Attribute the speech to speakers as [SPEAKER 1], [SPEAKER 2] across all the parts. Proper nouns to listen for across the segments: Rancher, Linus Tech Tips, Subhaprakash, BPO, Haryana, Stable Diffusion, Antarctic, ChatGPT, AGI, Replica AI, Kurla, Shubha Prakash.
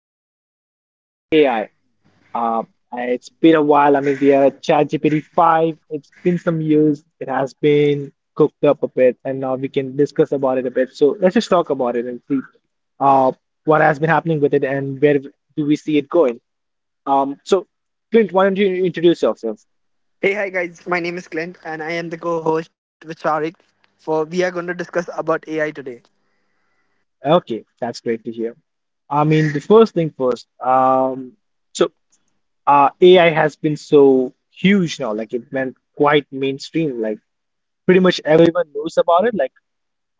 [SPEAKER 1] we are going to discuss AI. Uh, it's been a while. I mean, we are at ChatGPT 5. It's been some years. It has been cooked up a bit, and now we can discuss about it a bit. So let's just talk about it and see uh, what has been happening with it and where do we see it going. Um, so, Clint, why don't you introduce yourself?
[SPEAKER 2] Hey, hi guys. My name is Clint, and I am the co-host with Sharik. For we are going to discuss about AI today.
[SPEAKER 1] Okay, that's great to hear. I mean, the first thing first. So AI has been so huge now, like it went quite mainstream. Like pretty much everyone knows about it. Like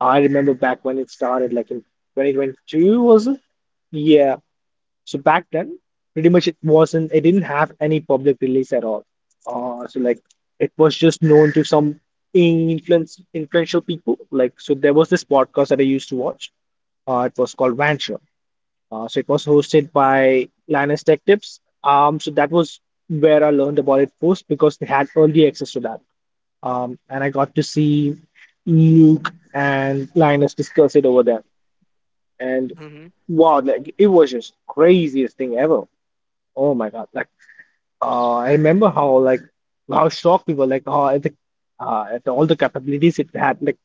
[SPEAKER 1] I remember back when it started, like in 2022, was it? Yeah. So back then, pretty much it wasn't, it didn't have any public release at all. So like it was just known to some influence influential people. Like so, there was this podcast that I used to watch. It was called Rancher. So it was hosted by Linus Tech Tips. So that was where I learned about it first because they had early access to that. And I got to see Luke and Linus discuss it over there. And
[SPEAKER 2] Hmm.
[SPEAKER 1] wow, like it was just craziest thing ever. Oh my God. Like I remember how shocked we were like oh, at the at all the capabilities it had. Like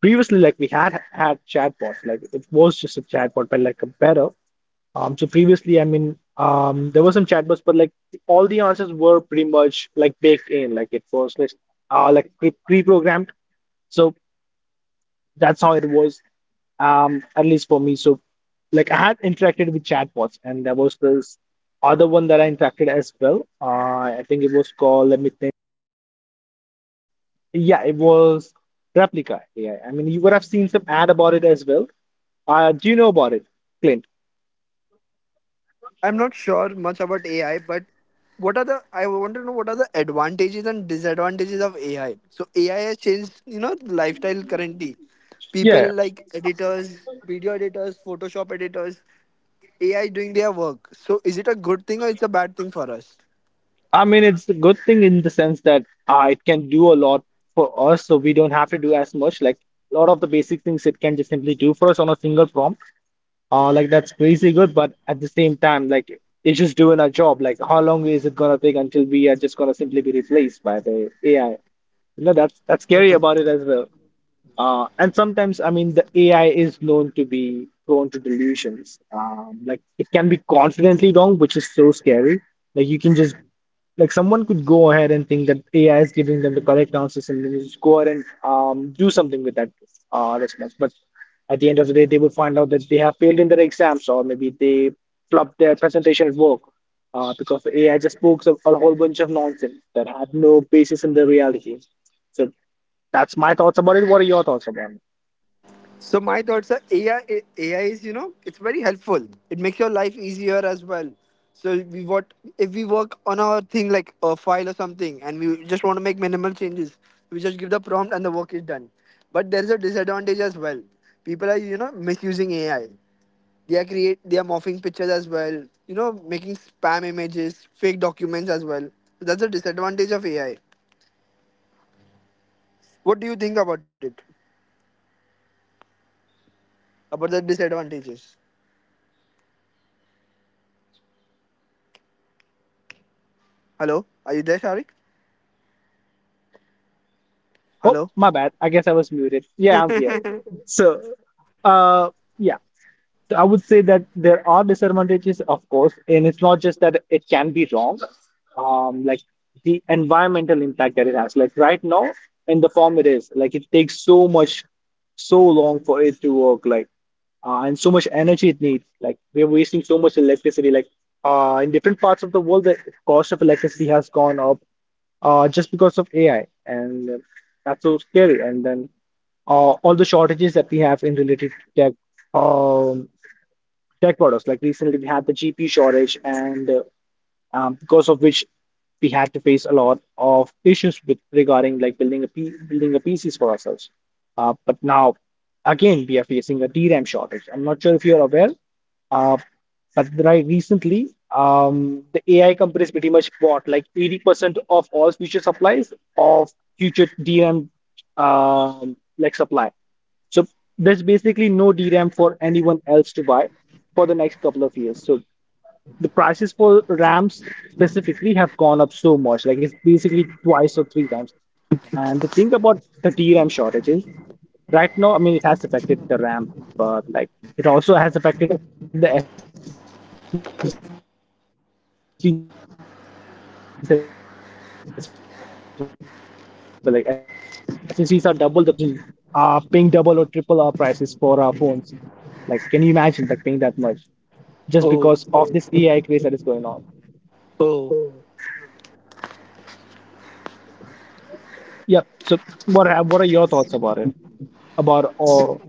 [SPEAKER 1] previously like we had had chatbots. Like it was just a chatbot, but like a better. So previously, there were some chatbots, but like all the answers were pretty much like baked in, like it was like pre-programmed. So that's how it was, at least for me. So like I had interacted with chatbots, and there was this other one that I interacted as well. I think it was called. Let me think. Yeah, it was Replica AI. I mean, you would have seen some ad about it as well. Do you know about it, Clint?
[SPEAKER 2] I'm not sure much about AI, but what are the? I want to know what are the advantages and disadvantages of AI. So AI has changed, the lifestyle currently. People
[SPEAKER 1] Yeah.
[SPEAKER 2] like editors, video editors, Photoshop editors, AI doing their work. So is it a good thing or it's a bad thing for us?
[SPEAKER 1] I mean, it's a good thing in the sense that it can do a lot for us, so we don't have to do as much. Like a lot of the basic things it can just simply do for us on a single prompt. Like that's crazy good, but at the same time, like it's just doing our job. Like how long is it gonna take until we are just gonna simply be replaced by the AI? You know, that's scary about it as well. And sometimes, I mean, the AI is known to be prone to delusions. Like it can be confidently wrong, which is so scary. Like you can just like someone could go ahead and think that AI is giving them the correct answers, and then just go ahead and do something with that response. But at the end of the day, they will find out that they have failed in their exams, or maybe they flopped their presentation at work because the AI just spoke a whole bunch of nonsense that had no basis in the reality. So. That's my thoughts about it. What are your thoughts about it?
[SPEAKER 2] So my thoughts are AI. AI is it's very helpful. It makes your life easier as well. So we what if we work on our thing like a file or something, and we just want to make minimal changes. We just give the prompt and the work is done. But there is a disadvantage as well. People are misusing AI. They are morphing pictures as well. Making spam images, fake documents as well. So that's a disadvantage of AI. What do you think about it? About the disadvantages? Hello, are you there, Sharik?
[SPEAKER 1] Oh,
[SPEAKER 2] Hello.
[SPEAKER 1] my bad. I guess I was muted. Yeah, I'm here. So, uh, yeah. So I would say that there are disadvantages, of course, and it's not just that it can be wrong, like the environmental impact that it has. Like right now, in the form it is, like it takes so much, so long for it to work, like and so much energy it needs. Like we're wasting so much electricity. Like in different parts of the world, the cost of electricity has gone up just because of AI, and that's so scary. And then all the shortages that we have in related to tech. Um, tech products. Like recently, we had the GPU shortage, and because of which we had to face a lot of issues with regarding like building a PCs for ourselves. But now, again, we are facing a DRAM shortage. I'm not sure if you're aware, uh, but recently, the AI companies pretty much bought like 80% of all future supplies of future DRAM like supply. So there's basically no DRAM for anyone else to buy for the next couple of years. So the prices for RAMs specifically have gone up so much. Like it's basically twice or three times. And the thing about the DRAM shortage is right now, I mean, it has affected the RAM, but like it also has affected the SSDs as well. Like SSDs are double the price, and very soon it will affect our phones. It will affect our GPUs. Like, like that's so scary. Like imagine paying double or triple our prices for our phones. Like, can you imagine like paying that much, just because
[SPEAKER 2] Oh,
[SPEAKER 1] of this AI craze that is going on?
[SPEAKER 2] oh.
[SPEAKER 1] Yeah. So what are your thoughts about it? About all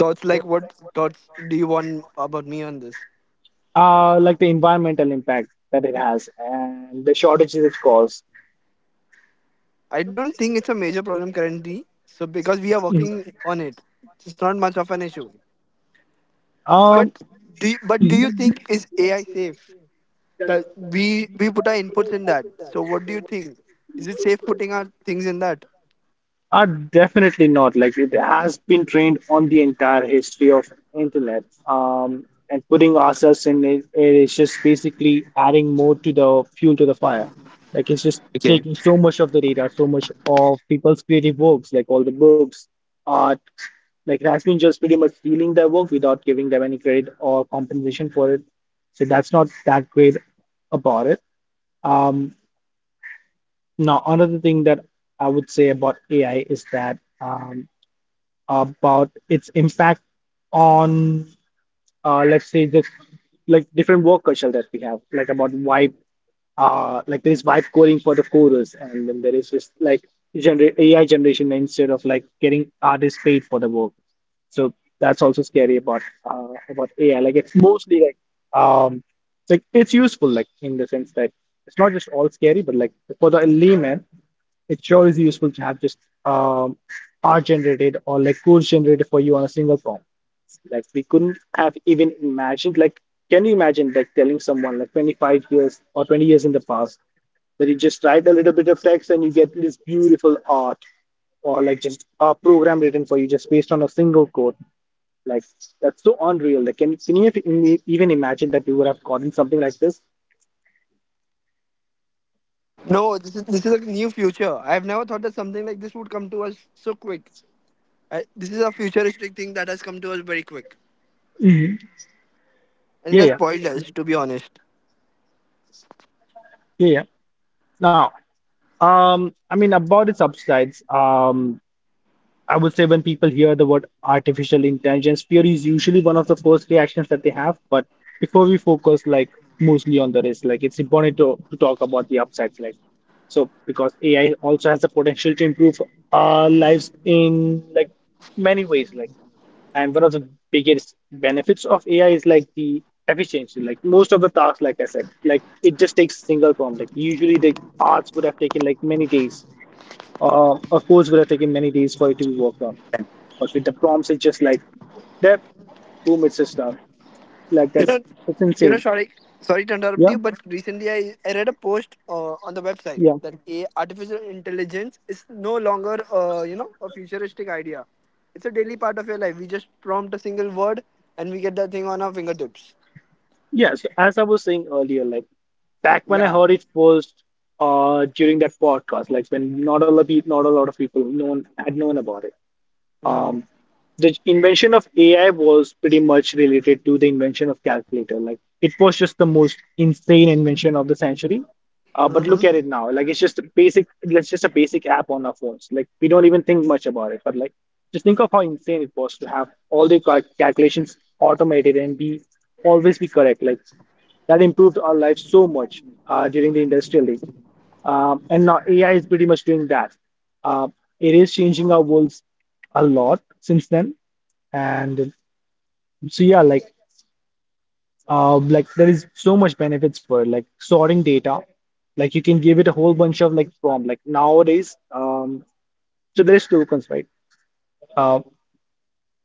[SPEAKER 2] Thoughts like what thoughts do you want about me on this?
[SPEAKER 1] like the environmental impact that it has and the shortages it caused.
[SPEAKER 2] I don't think it's a major problem currently. So because
[SPEAKER 1] Mhm.
[SPEAKER 2] we are working on it, it's not much of an issue.
[SPEAKER 1] Um,
[SPEAKER 2] But but do you
[SPEAKER 1] mhm.
[SPEAKER 2] think is AI safe? That we put our inputs in that. So what do you think? Is it safe putting our things in that?
[SPEAKER 1] Definitely not. Like it has been trained on the entire history of internet. And putting ourselves in it, it is just basically adding more to the fuel to the fire. Like it's just
[SPEAKER 2] Okay.
[SPEAKER 1] taking so much of the data, so much of people's creative works, like all the books, art. Like it has been just pretty much stealing their work without giving them any credit or compensation for it. So that's not that great about it. Um, now, another thing that I would say about AI is that about its impact on let's say the like different work culture that we have, like about like there is vibe coding for the coders, and then there is just like gener AI generation instead of like getting artists paid for the work. So that's also scary about AI. Like it's mostly um like it's useful like in the sense that it's not just all scary, but like for the layman. It sure is useful to have just um, art generated or like codes generated for you on a single form. Like we couldn't have even imagined. Like, can you imagine like telling someone like 25 years or 20 years in the past that you just write a little bit of text and you get this beautiful art or like just a program written for you just based on a single code. Like that's so unreal. Like can you have even imagine that you would have gotten something like this?
[SPEAKER 2] No, this is a new future. I have never thought that something like this would come to us so quick. This is a futuristic thing that has come to us very quick,
[SPEAKER 1] Hmm.
[SPEAKER 2] and it
[SPEAKER 1] Yeah,
[SPEAKER 2] has
[SPEAKER 1] yeah,
[SPEAKER 2] spoiled us, to be honest.
[SPEAKER 1] yeah. Now, I mean about the subsides, I would say when people hear the word artificial intelligence, fear is usually one of the first reactions that they have. But before we focus like mostly on the risk, like it's important to talk about the upsides, like so because AI also has the potential to improve our lives in like many ways, like and one of the biggest benefits of AI is like the efficiency. Like most of the tasks, like I said, like it just takes single prompt. Like usually the arts would have taken like many days. Of course, would have taken many days for it to be worked on. But with the prompts, it's just like, there, boom, it's just done. Like
[SPEAKER 2] You know,
[SPEAKER 1] that's that's
[SPEAKER 2] you know,
[SPEAKER 1] insane.
[SPEAKER 2] sorry, sorry, to interrupt
[SPEAKER 1] Yeah,
[SPEAKER 2] you, but recently I read a post on the website
[SPEAKER 1] yeah,
[SPEAKER 2] that a artificial intelligence is no longer a futuristic idea. It's a daily part of your life. We just prompt a single word and we get that thing on our fingertips.
[SPEAKER 1] yeah. So as I was saying earlier, like back when I
[SPEAKER 2] Yeah.
[SPEAKER 1] heard it first, during that podcast, like when not a lot of people, not a lot of people known had known about it.
[SPEAKER 2] Mm-hmm.
[SPEAKER 1] Um, the invention of AI was pretty much related to the invention of calculator. Like it was just the most insane invention of the century. But
[SPEAKER 2] Mm-hmm.
[SPEAKER 1] look at it now. It's just a basic app on our phones. Like we don't even think much about it. But like just think of how insane it was to have all the calculations automated and be always be correct. Like that improved our lives so much during the industrial age. And now AI is pretty much doing that. Uh, it is changing our worlds a lot since then. And so yeah, like there is so much benefits for it, like sorting data. Like you can give it a whole bunch of like prompt. Like nowadays, so there's tokens, right? Uh,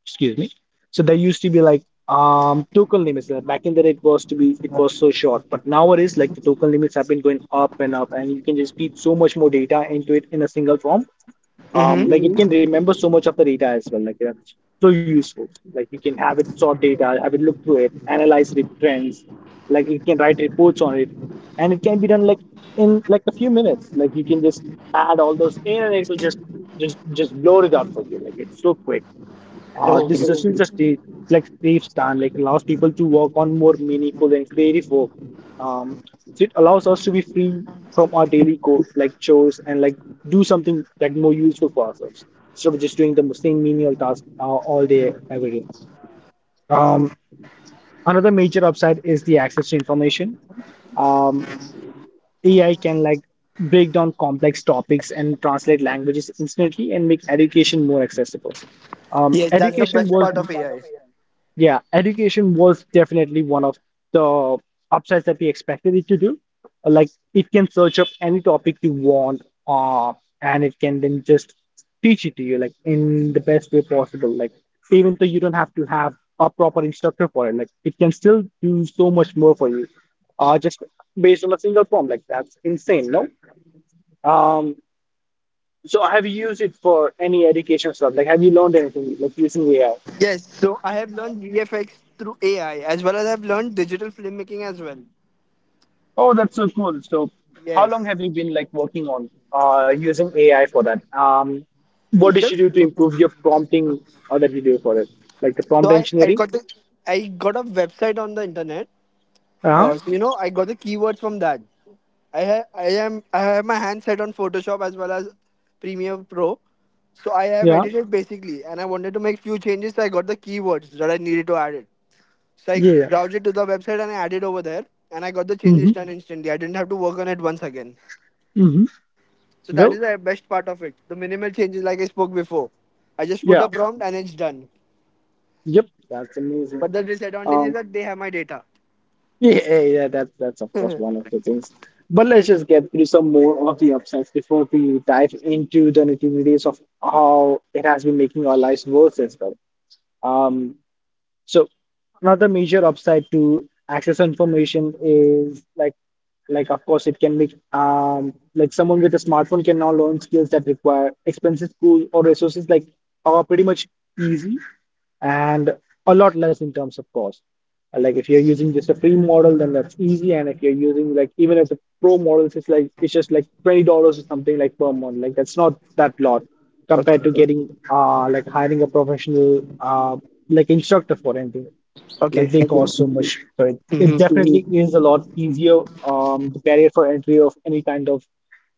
[SPEAKER 1] excuse me. So there used to be like token limits. Back in the day, it was so short, but nowadays like the token limits have been going up and up, and you can just feed so much more data into it in a single form.
[SPEAKER 2] Mm-hmm.
[SPEAKER 1] Like it, Mm-hmm, can remember so much of the data as well. Like that's so useful. Like you can have it sort data, have it look through it, analyze the trends. Like you can write reports on it, and it can be done like in like a few minutes. Like you can just add all those in, and it will just load it up for you. Like it's so quick.
[SPEAKER 2] Oh,
[SPEAKER 1] This session just need, like saves time, like allows people to work on more meaningful and creative work. So it allows us to be free from our daily chores, like chores, and like do something like more useful for ourselves instead of just doing the same menial task, all day, every day. Um, another major upside is the access to information. Um, AI can like break down complex topics and translate languages instantly and make education more accessible.
[SPEAKER 2] yes, that's the
[SPEAKER 1] Education
[SPEAKER 2] best
[SPEAKER 1] was
[SPEAKER 2] part of AI.
[SPEAKER 1] Yeah, education was definitely one of the upsides that we expected it to do. Like it can search up any topic you want, and it can then just teach it to you like in the best way possible. Like even though you don't have to have a proper instructor for it, like it can still do so much more for you, just based on a single prompt. Like that's insane, no? Um, so have you used it for any education stuff? Like have you learned anything like using AI?
[SPEAKER 2] Yes, so I have learned VFX through AI as well as I've learned digital filmmaking as well.
[SPEAKER 1] Oh, that's so cool. So, how long
[SPEAKER 2] Yes.
[SPEAKER 1] have you been like working on, using AI for that? What
[SPEAKER 2] Is
[SPEAKER 1] did you
[SPEAKER 2] it?
[SPEAKER 1] do to improve your prompting, that you do for it? Like the
[SPEAKER 2] So
[SPEAKER 1] prompt
[SPEAKER 2] I, I
[SPEAKER 1] engineering?
[SPEAKER 2] got the, I got a website on the internet.
[SPEAKER 1] Uh-huh.
[SPEAKER 2] So, I got the keywords from that. I ha- I am I have my hands set on Photoshop as well as Premiere Pro. So I have
[SPEAKER 1] Yeah,
[SPEAKER 2] edited basically, and I wanted to make few changes. So I got the keywords that I needed to add it. So I
[SPEAKER 1] yeah, yeah.
[SPEAKER 2] browsed it to the website and I added over there, and I got the changes
[SPEAKER 1] Mm-hmm.
[SPEAKER 2] done instantly. I didn't have to work on it once again.
[SPEAKER 1] Mm-hmm.
[SPEAKER 2] So that is
[SPEAKER 1] Well,
[SPEAKER 2] the best part of it. The minimal changes, like I spoke before, I just put a
[SPEAKER 1] yeah,
[SPEAKER 2] prompt and it's done.
[SPEAKER 1] yep, that's amazing.
[SPEAKER 2] But the disadvantage is
[SPEAKER 1] Um,
[SPEAKER 2] that they have my data.
[SPEAKER 1] yeah, yeah, yeah, that's of course one of the things. But let's just get through some more of the upsides before we dive into the nitty-gritties of how it has been making our lives worse as well. Um, So another major upside to access information is like of course it can be, like someone with a smartphone can now learn skills that require expensive schools or resources like are pretty much easy and a lot less in terms of cost. Like if you're using just a free model, then that's easy. And if you're using like even if the pro models, it's just like $20 or something like per month. Like that's not that lot compared to
[SPEAKER 2] Okay.
[SPEAKER 1] getting, like hiring a professional, like instructor for anything. Like
[SPEAKER 2] Okay.
[SPEAKER 1] they, okay, cost so much. So it
[SPEAKER 2] Mhm.
[SPEAKER 1] definitely is a lot easier. The barrier for entry of any kind of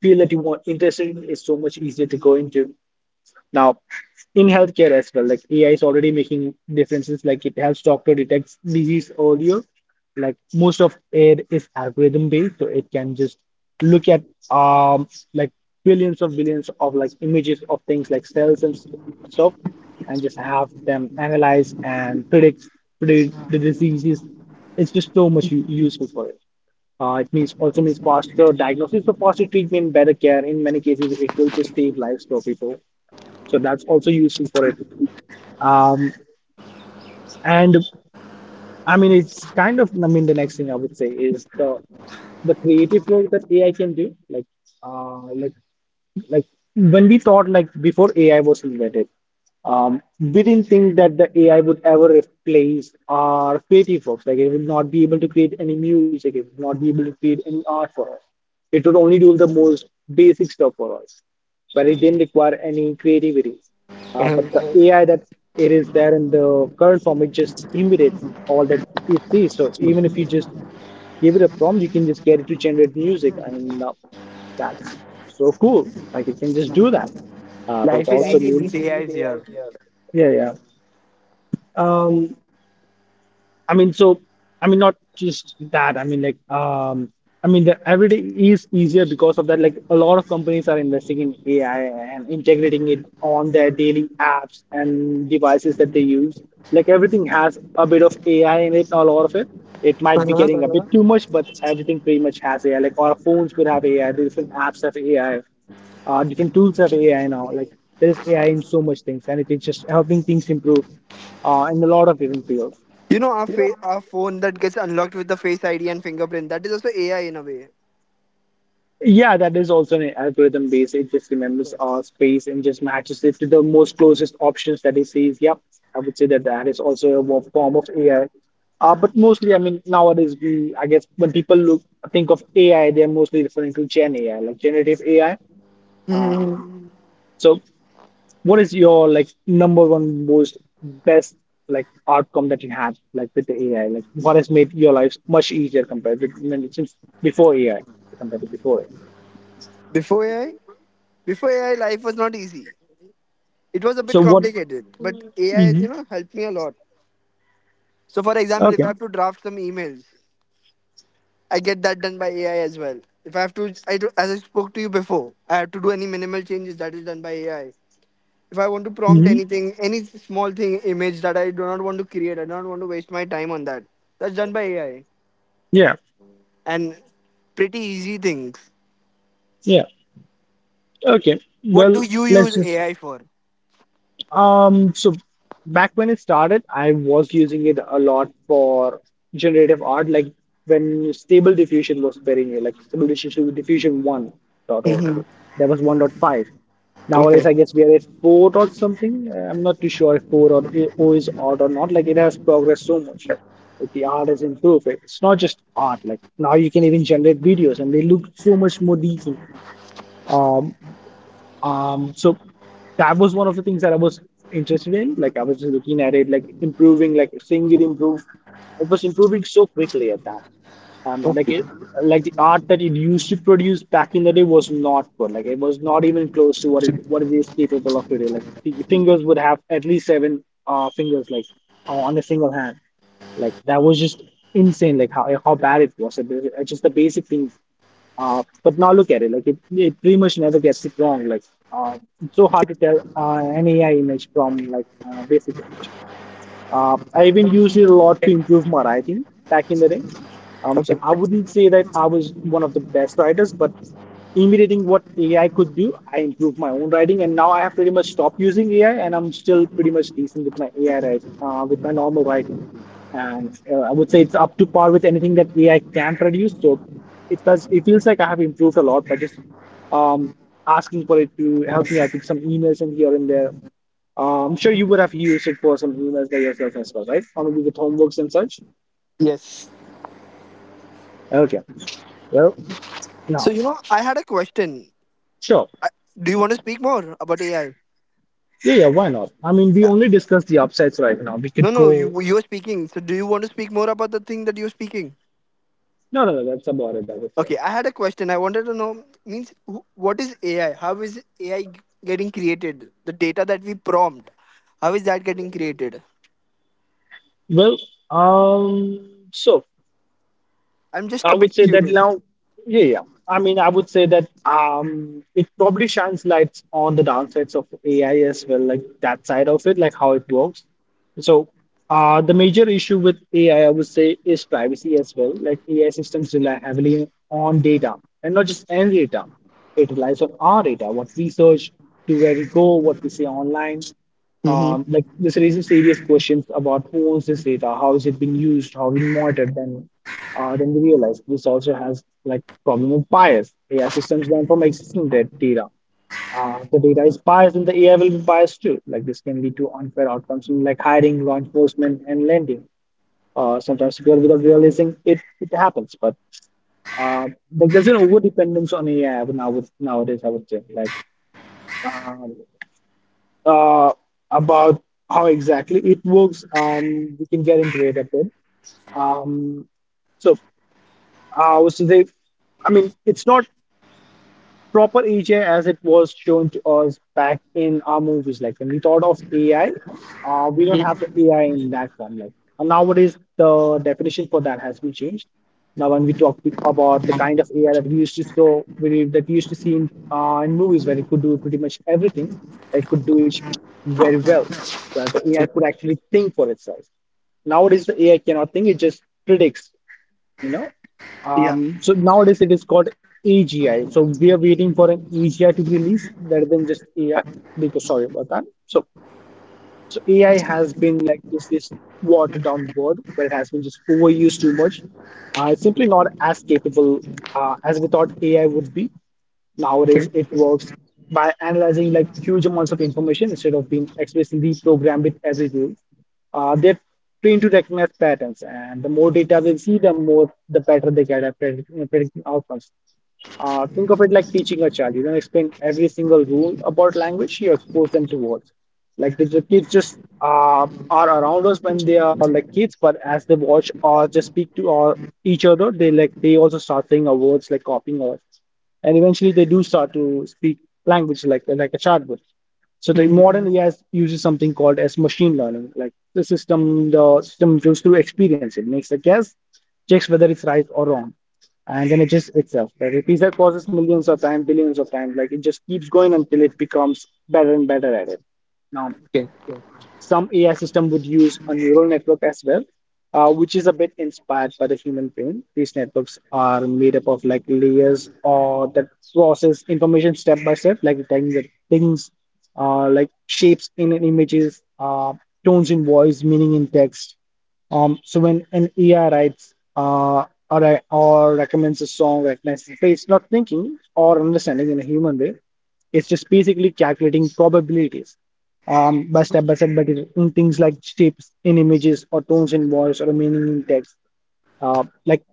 [SPEAKER 1] field that you want interested in is so much easier to go into. Now, in healthcare as well, like AI is already making differences. Like it helps doctor detect disease earlier. Like most of it is algorithm based, so it can just look at, um like billions of like images of things like cells and stuff, and just have them analyze and predict the diseases. It's just so much useful for it. It means also means faster diagnosis, so faster treatment, better care. In many cases, it will just save lives for people. So that's also useful for it. Um, and I mean, it's kind of, I mean, the next thing I would say is the creative work that AI can do. Uh, like, like when we thought like before AI was invented, we didn't think that the AI would ever replace our creative works. Like, it would not be able to create any music. It would not be able to create any art for us. It would only do the most basic stuff for us, but it didn't require any creativity. But the
[SPEAKER 2] Mhm.
[SPEAKER 1] AI that it is there in the current form, it just imitates all that it sees. So even if you just give it a prompt, you can just get it to generate music. I mean, that's so cool. Like it can just do that. But it That's
[SPEAKER 2] Life is
[SPEAKER 1] also
[SPEAKER 2] easy
[SPEAKER 1] means,
[SPEAKER 2] since AI is here.
[SPEAKER 1] yeah, yeah. Um, I mean, so I mean, not just that. I mean, like, I mean, the everyday is easier because of that. Like, a lot of companies are investing in AI and integrating it on their daily apps and devices that they use. Like, everything has a bit of AI in it, a lot of it. It might be
[SPEAKER 2] Uh-huh.
[SPEAKER 1] getting a bit too much, but everything pretty much has AI. Like, our phones will have AI, different apps have AI, different tools have AI now. Like, there's AI in so much things, and it is just helping things improve, in a lot of different fields.
[SPEAKER 2] You know our phone that gets unlocked with the face ID and fingerprint. That is also AI in a way.
[SPEAKER 1] Yeah, that is also an algorithm based. It just remembers our space and just matches it to the most closest options that it sees. Yep, I would say that that is also a form of AI. But mostly, I mean, nowadays we, I guess, when people look think of AI, they're mostly referring to Gen AI, like generative AI. Um, Mm. So, what is your like number one most best like outcome that you had like with the AI? Like, what has made your life much easier compared with since before AI compared to before AI?
[SPEAKER 2] Before AI, before AI, life was not easy. It was a bit
[SPEAKER 1] So what?
[SPEAKER 2] complicated, but AI has
[SPEAKER 1] Hmm.
[SPEAKER 2] helped me a lot. So, for example, if
[SPEAKER 1] Okay.
[SPEAKER 2] I have to draft some emails, I get that done by AI as well. If I have to, I do, as I spoke to you before, I have to do any minimal changes that is done by AI. If I want to prompt
[SPEAKER 1] Hmm.
[SPEAKER 2] anything, any small thing, image that I do not want to create, I do not want to waste my time on that. That's done by AI
[SPEAKER 1] Yeah.
[SPEAKER 2] and pretty easy things.
[SPEAKER 1] Yeah. Okay.
[SPEAKER 2] What do
[SPEAKER 1] Well,
[SPEAKER 2] you use
[SPEAKER 1] let's just.
[SPEAKER 2] AI for?
[SPEAKER 1] So back when it started, I was using it a lot for generative art, like when Stable Diffusion was very new, like Stable Diffusion 1.0. Dot oh.
[SPEAKER 2] Mhm.
[SPEAKER 1] There was 1.5. Nowadays,
[SPEAKER 2] Okay.
[SPEAKER 1] I guess we are at 4 or something. I'm not too sure if 4 or O is odd or not. Like it has progressed so much. Like the art has improved. Like, it's not just art. Like now you can even generate videos and they look so much more decent. Um, so that was one of the things that I was interested in. Like I was just looking at it, like improving, like seeing it improve. It was improving so quickly at that. Um, like
[SPEAKER 2] Okay.
[SPEAKER 1] it, like the art that it used to produce back in the day was not good. Like it was not even close to what it is capable of today. Like the fingers would have at least seven fingers, like, on a single hand. Like that was just insane. Like how bad it was. It's just the basic things. But now look at it, like it pretty much never gets it wrong. Like, uh, it's so hard to tell, an AI image from like, basic image. I even used it a lot to improve my writing back in the day. Um,
[SPEAKER 2] Okay.
[SPEAKER 1] so I wouldn't say that I was one of the best writers, but imitating what AI could do, I improved my own writing, and now I have pretty much stopped using AI, and I'm still pretty much decent with my AI writing, with my normal writing. And, I would say it's up to par with anything that AI can produce. So it does, it feels like I have improved a lot by just, um, asking for it to help me out with some emails and here and there. I'm sure you would have used it for some emails by yourself as well, right? Or maybe with homeworks and such.
[SPEAKER 2] Yes.
[SPEAKER 1] Okay. Well,
[SPEAKER 2] So
[SPEAKER 1] now,
[SPEAKER 2] I had a question.
[SPEAKER 1] sure.
[SPEAKER 2] I, do you want to speak more about AI?
[SPEAKER 1] Yeah, yeah, why not? I mean, we only discussed the upsides right now. We
[SPEAKER 2] No,
[SPEAKER 1] could
[SPEAKER 2] no, you
[SPEAKER 1] go.
[SPEAKER 2] you are speaking. So do you want to speak more about the thing that you're speaking?
[SPEAKER 1] No, no, no, that's about it, I would say.
[SPEAKER 2] Okay, I had a question. I wanted to know what is AI? How is AI getting created? The data that we prompt, how is that getting created?
[SPEAKER 1] Well, so.
[SPEAKER 2] I'm just
[SPEAKER 1] I
[SPEAKER 2] a
[SPEAKER 1] would
[SPEAKER 2] bit
[SPEAKER 1] say that
[SPEAKER 2] curious.
[SPEAKER 1] now, yeah, yeah. I mean, I would say that, it probably shines lights on the downsides of AI as well, like that side of it, like how it works. So, the major issue with AI, I would say, is privacy as well. Like AI systems rely heavily on data, and not just any data. It relies on our data, what we search, to where we go, what we say online.
[SPEAKER 2] Mm-hmm.
[SPEAKER 1] Like this raises serious questions about who owns this data, how is it being used, how is it monitored. Then, then we realize this also has like problem of bias. AI systems learn from existing data. If the data is biased, then the AI will be biased too. Like this can lead to unfair outcomes in like hiring, law enforcement, and lending. Sometimes people without realizing it, it happens. But, uh, like there's an over dependence on AI now with nowadays, I would say. Like, uh, uh, about how exactly it works, and we can get into it a bit. Um, so, uh, so they, it's not proper AI as it was shown to us back in our movies. Like when we thought of AI, we don't have the AI in that form. Like and nowadays, the definition for that has been changed. Now, when we talk about the kind of AI that we used to show, that we used to see in movies, where it could do pretty much everything, it could do it very well, where the AI could actually think for itself. Nowadays, the AI cannot think; it just predicts you know.
[SPEAKER 2] Yeah.
[SPEAKER 1] So nowadays it is called AGI. So we are waiting for an AGI to be released rather than just AI because sorry about that. So so AI has been like this watered down word, but it has been just overused too much. It's simply not as capable as we thought AI would be. Nowadays it works by analyzing like huge amounts of information instead of being explicitly programmed with every rule they're trained to recognize patterns, and the more data they see, the more the better they get at predicting outcomes. Think of it like teaching a child. You don't explain every single rule about language, you expose them to words. Like the kids just are around us when they are like kids, but as they watch or just speak to or each other, they also start saying our words, like copying us, and eventually they do start to speak language like a child would. So the modern AI uses something called as machine learning. Like the system goes through experience. It makes a guess, checks whether it's right or wrong, and then it just itself. It repeats that process millions of times, billions of times. Like it just keeps going until it becomes better and better at it. Now,
[SPEAKER 2] Okay.
[SPEAKER 1] okay, some AI system would use a neural network as well, which is a bit inspired by the human brain. These networks are made up of like layers or that process information step by step, like detecting the things, like shapes in images, tones in voice, meaning in text. So when an AI writes or recommends a song, recognizes the face, not thinking or understanding in a human way, it's just basically calculating probabilities by step, but in things like shapes in images or tones in voice or meaning in text. Like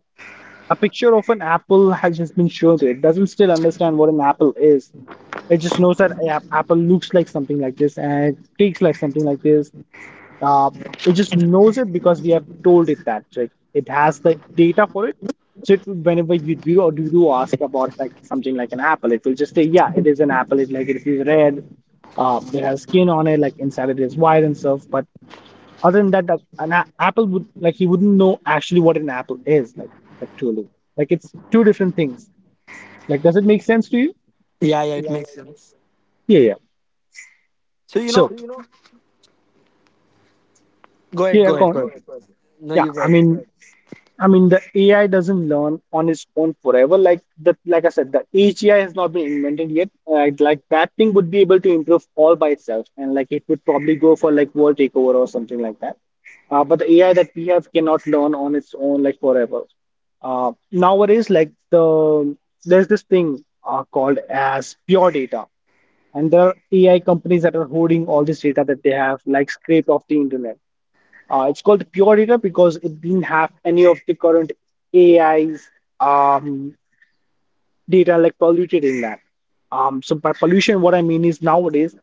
[SPEAKER 1] a picture of an apple has just been shown to it. It doesn't still understand what an apple is. It just knows that apple looks like something like this and it speaks like something like this. Uh, it just knows it because we have told it that. Like it has the data for it. So it will, whenever you do ask about like something like an apple, it will just say, yeah, it is an apple. It is red. It has skin on it, like inside it is white and stuff. But other than that, an a apple would like he wouldn't know actually what an apple is like actually. Like it's two different things. Like, does it make sense to you?
[SPEAKER 2] Yeah, yeah, it makes sense.
[SPEAKER 1] Yeah, yeah.
[SPEAKER 2] So
[SPEAKER 1] So,
[SPEAKER 2] go ahead,
[SPEAKER 1] yeah,
[SPEAKER 2] go
[SPEAKER 1] go
[SPEAKER 2] ahead, go
[SPEAKER 1] on.
[SPEAKER 2] ahead. No,
[SPEAKER 1] Yeah,
[SPEAKER 2] you go
[SPEAKER 1] I
[SPEAKER 2] ahead.
[SPEAKER 1] mean, I mean, the AI doesn't learn on its own forever. Like that, like I said, the AGI has not been invented yet. Like that thing would be able to improve all by itself, and like it would probably go for like world takeover or something like that. But the AI that we have cannot learn on its own like forever. Nowadays, there's this thing called as pure data, and there are AI companies that are holding all this data that they have like scraped off the internet. It's called Pure Data because it didn't have any of the current AI's um, data like polluted in that. So by pollution, what I mean is nowadays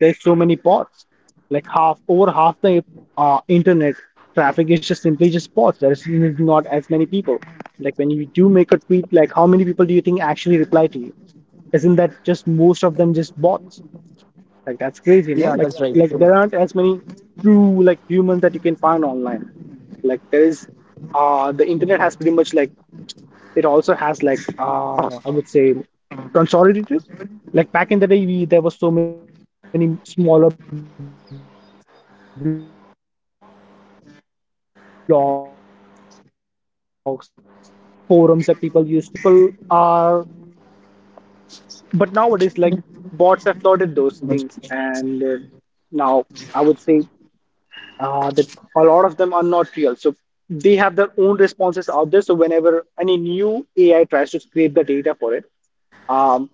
[SPEAKER 1] there's so many bots, like half the internet traffic is just simply just bots. There's not as many people. Like when you do make a tweet, like how many people do you think actually reply to you? Isn't that just most of them just bots? Like that's
[SPEAKER 2] Yeah,
[SPEAKER 1] crazy,
[SPEAKER 2] that's
[SPEAKER 1] no?
[SPEAKER 2] right.
[SPEAKER 1] Like there aren't as many true like humans that you can find online. Like there is the internet has pretty much like it also has like I would say consolidated. Like back in the day there were so many smaller blogs, forums that people used to hang out at. But nowadays it's just mostly like Reddit or like Twitter. Uh, but people are, but nowadays, like bots have flooded those things, and now I would say that a lot of them are not real. So they have their own responses out there. So whenever any new AI tries to scrape the data for it, um,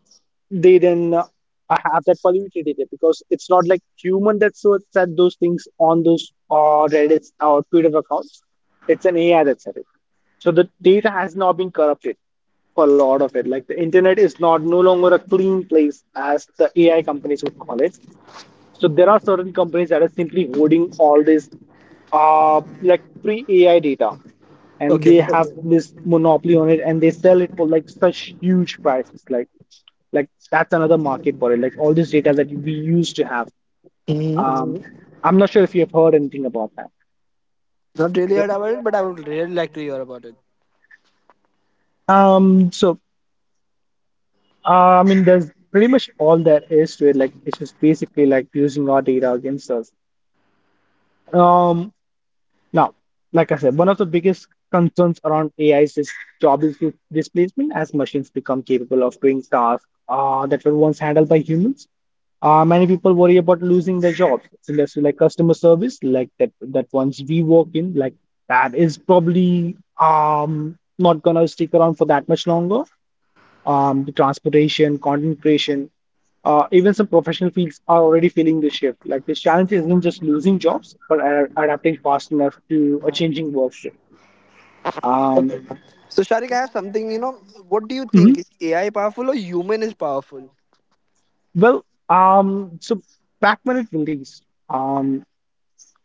[SPEAKER 1] they then have that polluted data because it's not like human that so said those things on those Reddit or Twitter accounts. It's an AI that said it. So the data has now been corrupted for a lot of it. Like the internet is not no longer a clean place as the AI companies would call it. So there are certain companies that are simply holding all this like pre-AI data and
[SPEAKER 2] Okay.
[SPEAKER 1] they have okay, this monopoly on it and they sell it for like such huge prices. Like that's another market for it. Like all this data that we used to have.
[SPEAKER 2] Hmm.
[SPEAKER 1] Mhm. I'm not sure if you have heard anything about that.
[SPEAKER 2] Not really heard about it, but I would really like to hear about it.
[SPEAKER 1] Um, so I mean, there's pretty much all there is to it. Like it's just basically like using our data against us. Um, Now, like I said, one of the biggest concerns around AIs is job dis- displacement as machines become capable of doing tasks that were once handled by humans. Many people worry about losing their jobs. It's industry like customer service, like that once we work in, like that is probably not gonna stick around for that much longer the transportation, content creation, even some professional fields are already feeling the shift. Like this challenge isn't just losing jobs, but adapting fast enough to a changing workforce. Um,
[SPEAKER 2] So Sharik, I have something. What do you
[SPEAKER 1] mhm.
[SPEAKER 2] think is AI powerful or human is powerful?
[SPEAKER 1] Well, so back when it released,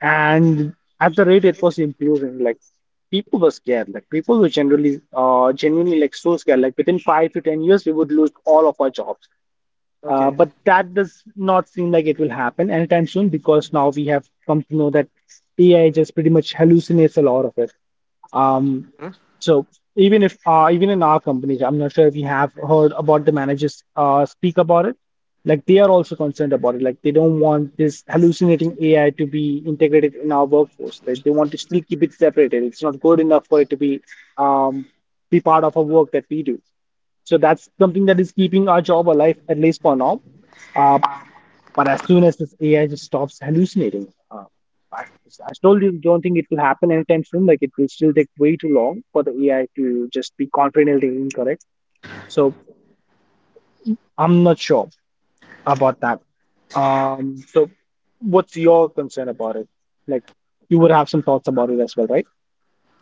[SPEAKER 1] and at the rate it was improving, like people were scared. Like people were generally, genuinely like so scared. Like within 5 to 10 years, we would lose all of our jobs.
[SPEAKER 2] Okay.
[SPEAKER 1] But that does not seem like it will happen anytime soon because now we have come to know that AI just pretty much hallucinates a lot of it. Um, so even if even in our companies, I'm not sure if you have heard about the managers speak about it. Like they are also concerned about it. Like they don't want this hallucinating AI to be integrated in our workforce. They want to still keep it separated. It's not good enough for it to um, be part of our work that we do. So that's something that is keeping our job alive, at least for now. Uh, but as soon as this AI just stops hallucinating, I, I still don't think it will happen anytime soon. Like it will still take way too long for the AI to just be confidently incorrect. So I'm not sure about that. So what's your concern about it? Like you would have some thoughts about it as well, right?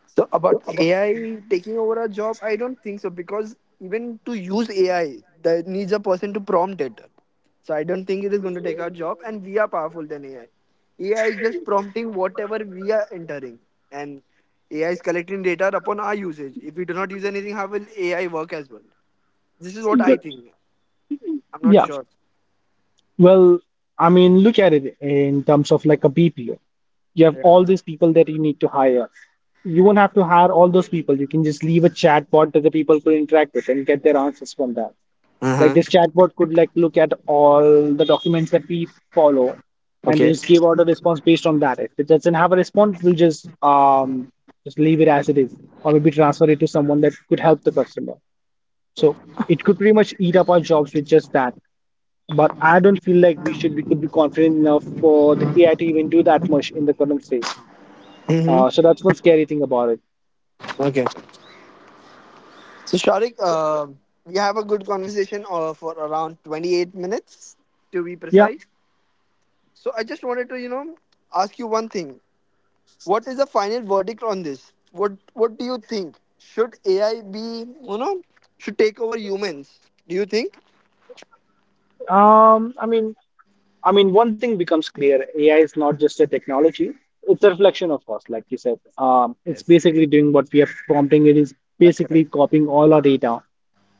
[SPEAKER 2] So about AI taking over a job, I don't think so because even to use AI, that needs a person to prompt it. So I don't think it is going to take our job, and we are powerful than AI. AI is just prompting whatever we are entering, and AI is collecting data upon our usage. If we do not use anything, how will AI work as well? This is what I think. I'm not
[SPEAKER 1] Yeah.
[SPEAKER 2] sure.
[SPEAKER 1] Well, I mean, look at it in terms of like a BPO. You have
[SPEAKER 2] Yeah.
[SPEAKER 1] all these people that you need to hire. You won't have to hire all those people. You can just leave a chatbot that the people could interact with and get their answers from that.
[SPEAKER 2] Uh
[SPEAKER 1] Like
[SPEAKER 2] huh.
[SPEAKER 1] this chatbot could like look at all the documents that we follow and
[SPEAKER 2] Okay.
[SPEAKER 1] just give out a response based on that. If it doesn't have a response, we'll just leave it as it is, or maybe transfer it to someone that could help the customer. So it could pretty much eat up our jobs with just that. But I don't feel like we could be confident enough for the AI to even do that much in the current state. So that's
[SPEAKER 2] Mm-hmm.
[SPEAKER 1] one scary thing about it.
[SPEAKER 2] Okay. So, Sharik, we have a good conversation for around 28 minutes to be
[SPEAKER 1] Yeah.
[SPEAKER 2] precise. So, I just wanted to, ask you one thing. What is the final verdict on this? What do you think? Should AI be, should take over humans? Do you think?
[SPEAKER 1] Um, I mean, I mean, one thing becomes clear: AI is not just a technology; it's a reflection of us, like you said. It's
[SPEAKER 2] Yes,
[SPEAKER 1] basically doing what we are prompting it. Is
[SPEAKER 2] that's
[SPEAKER 1] basically
[SPEAKER 2] correct.
[SPEAKER 1] copying all our data.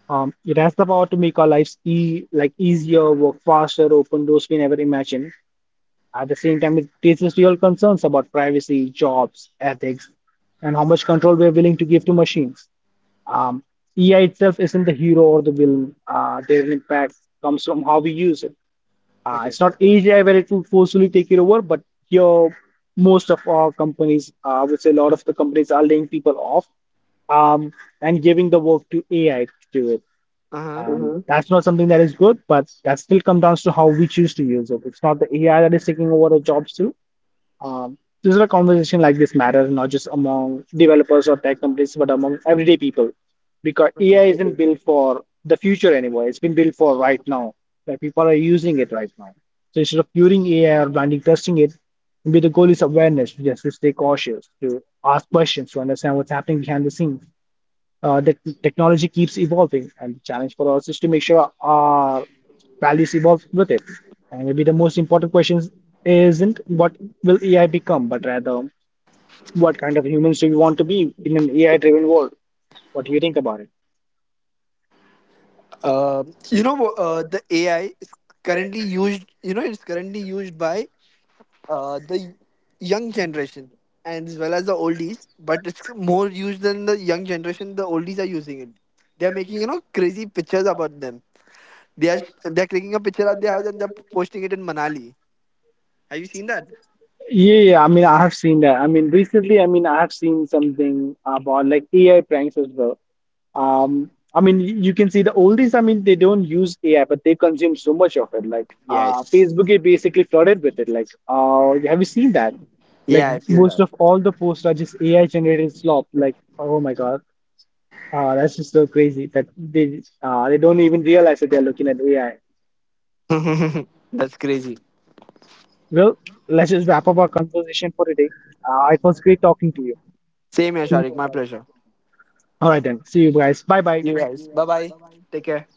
[SPEAKER 1] It has the power to make our lives e like easier, work faster, open doors we never imagined. At the same time, it raises real concerns about privacy, jobs, ethics, and how much control we're willing to give to machines. Um, AI itself isn't the hero or the villain. Their impact comes from how we use it. Uh,
[SPEAKER 2] Okay.
[SPEAKER 1] it's not AI where it will forcefully take it over, but here, most of our companies, I would say a lot of the companies are laying people off um, and giving the work to AI to do it.
[SPEAKER 2] Uh huh.
[SPEAKER 1] And hmm that's not something that is good, but that still comes down to how we choose to use it. It's not the AI that is taking over the jobs too. This is a conversation like this matters not just among developers or tech companies, but among everyday people. Because AI
[SPEAKER 2] Okay.
[SPEAKER 1] isn't built for the future anymore. It's been built for right now, where people are using it right now. So instead of curing AI or blindly trusting it, maybe the goal is awareness, just to stay cautious, to ask questions, to understand what's happening behind the scenes the technology keeps evolving, and the challenge for us is to make sure our values evolve with it. And maybe the most important question isn't what will AI become, but rather what kind of humans do we want to be in an AI-driven world? What do you think about it?
[SPEAKER 2] Uh, the AI is currently used. It's currently used by the young generation and as well as the oldies, but it's more used than the young generation. The oldies are using it. They're making crazy pictures about them. They're clicking a picture at their house and they're posting it in Manali. Have you seen that?
[SPEAKER 1] Yeah, yeah, I mean, I have seen that. I mean, recently, I have seen something about like AI pranks as well. You can see the oldies, I mean, they don't use AI, but they consume so much of it. Like,
[SPEAKER 2] Yes.
[SPEAKER 1] Facebook is basically flooded with it. Like, have you seen that? Like,
[SPEAKER 2] Yeah,
[SPEAKER 1] yes,
[SPEAKER 2] I've seen
[SPEAKER 1] most
[SPEAKER 2] that.
[SPEAKER 1] of all the posts are just AI generated slop. Like, oh my God, that's just so crazy that they don't even realize that they're looking at AI.
[SPEAKER 2] That's crazy.
[SPEAKER 1] Well, let's just wrap up our conversation for today. It was great talking to you.
[SPEAKER 2] Same here, Sharik. My pleasure.
[SPEAKER 1] All right then. See you guys. Bye bye.
[SPEAKER 2] You guys. Bye bye. Take care.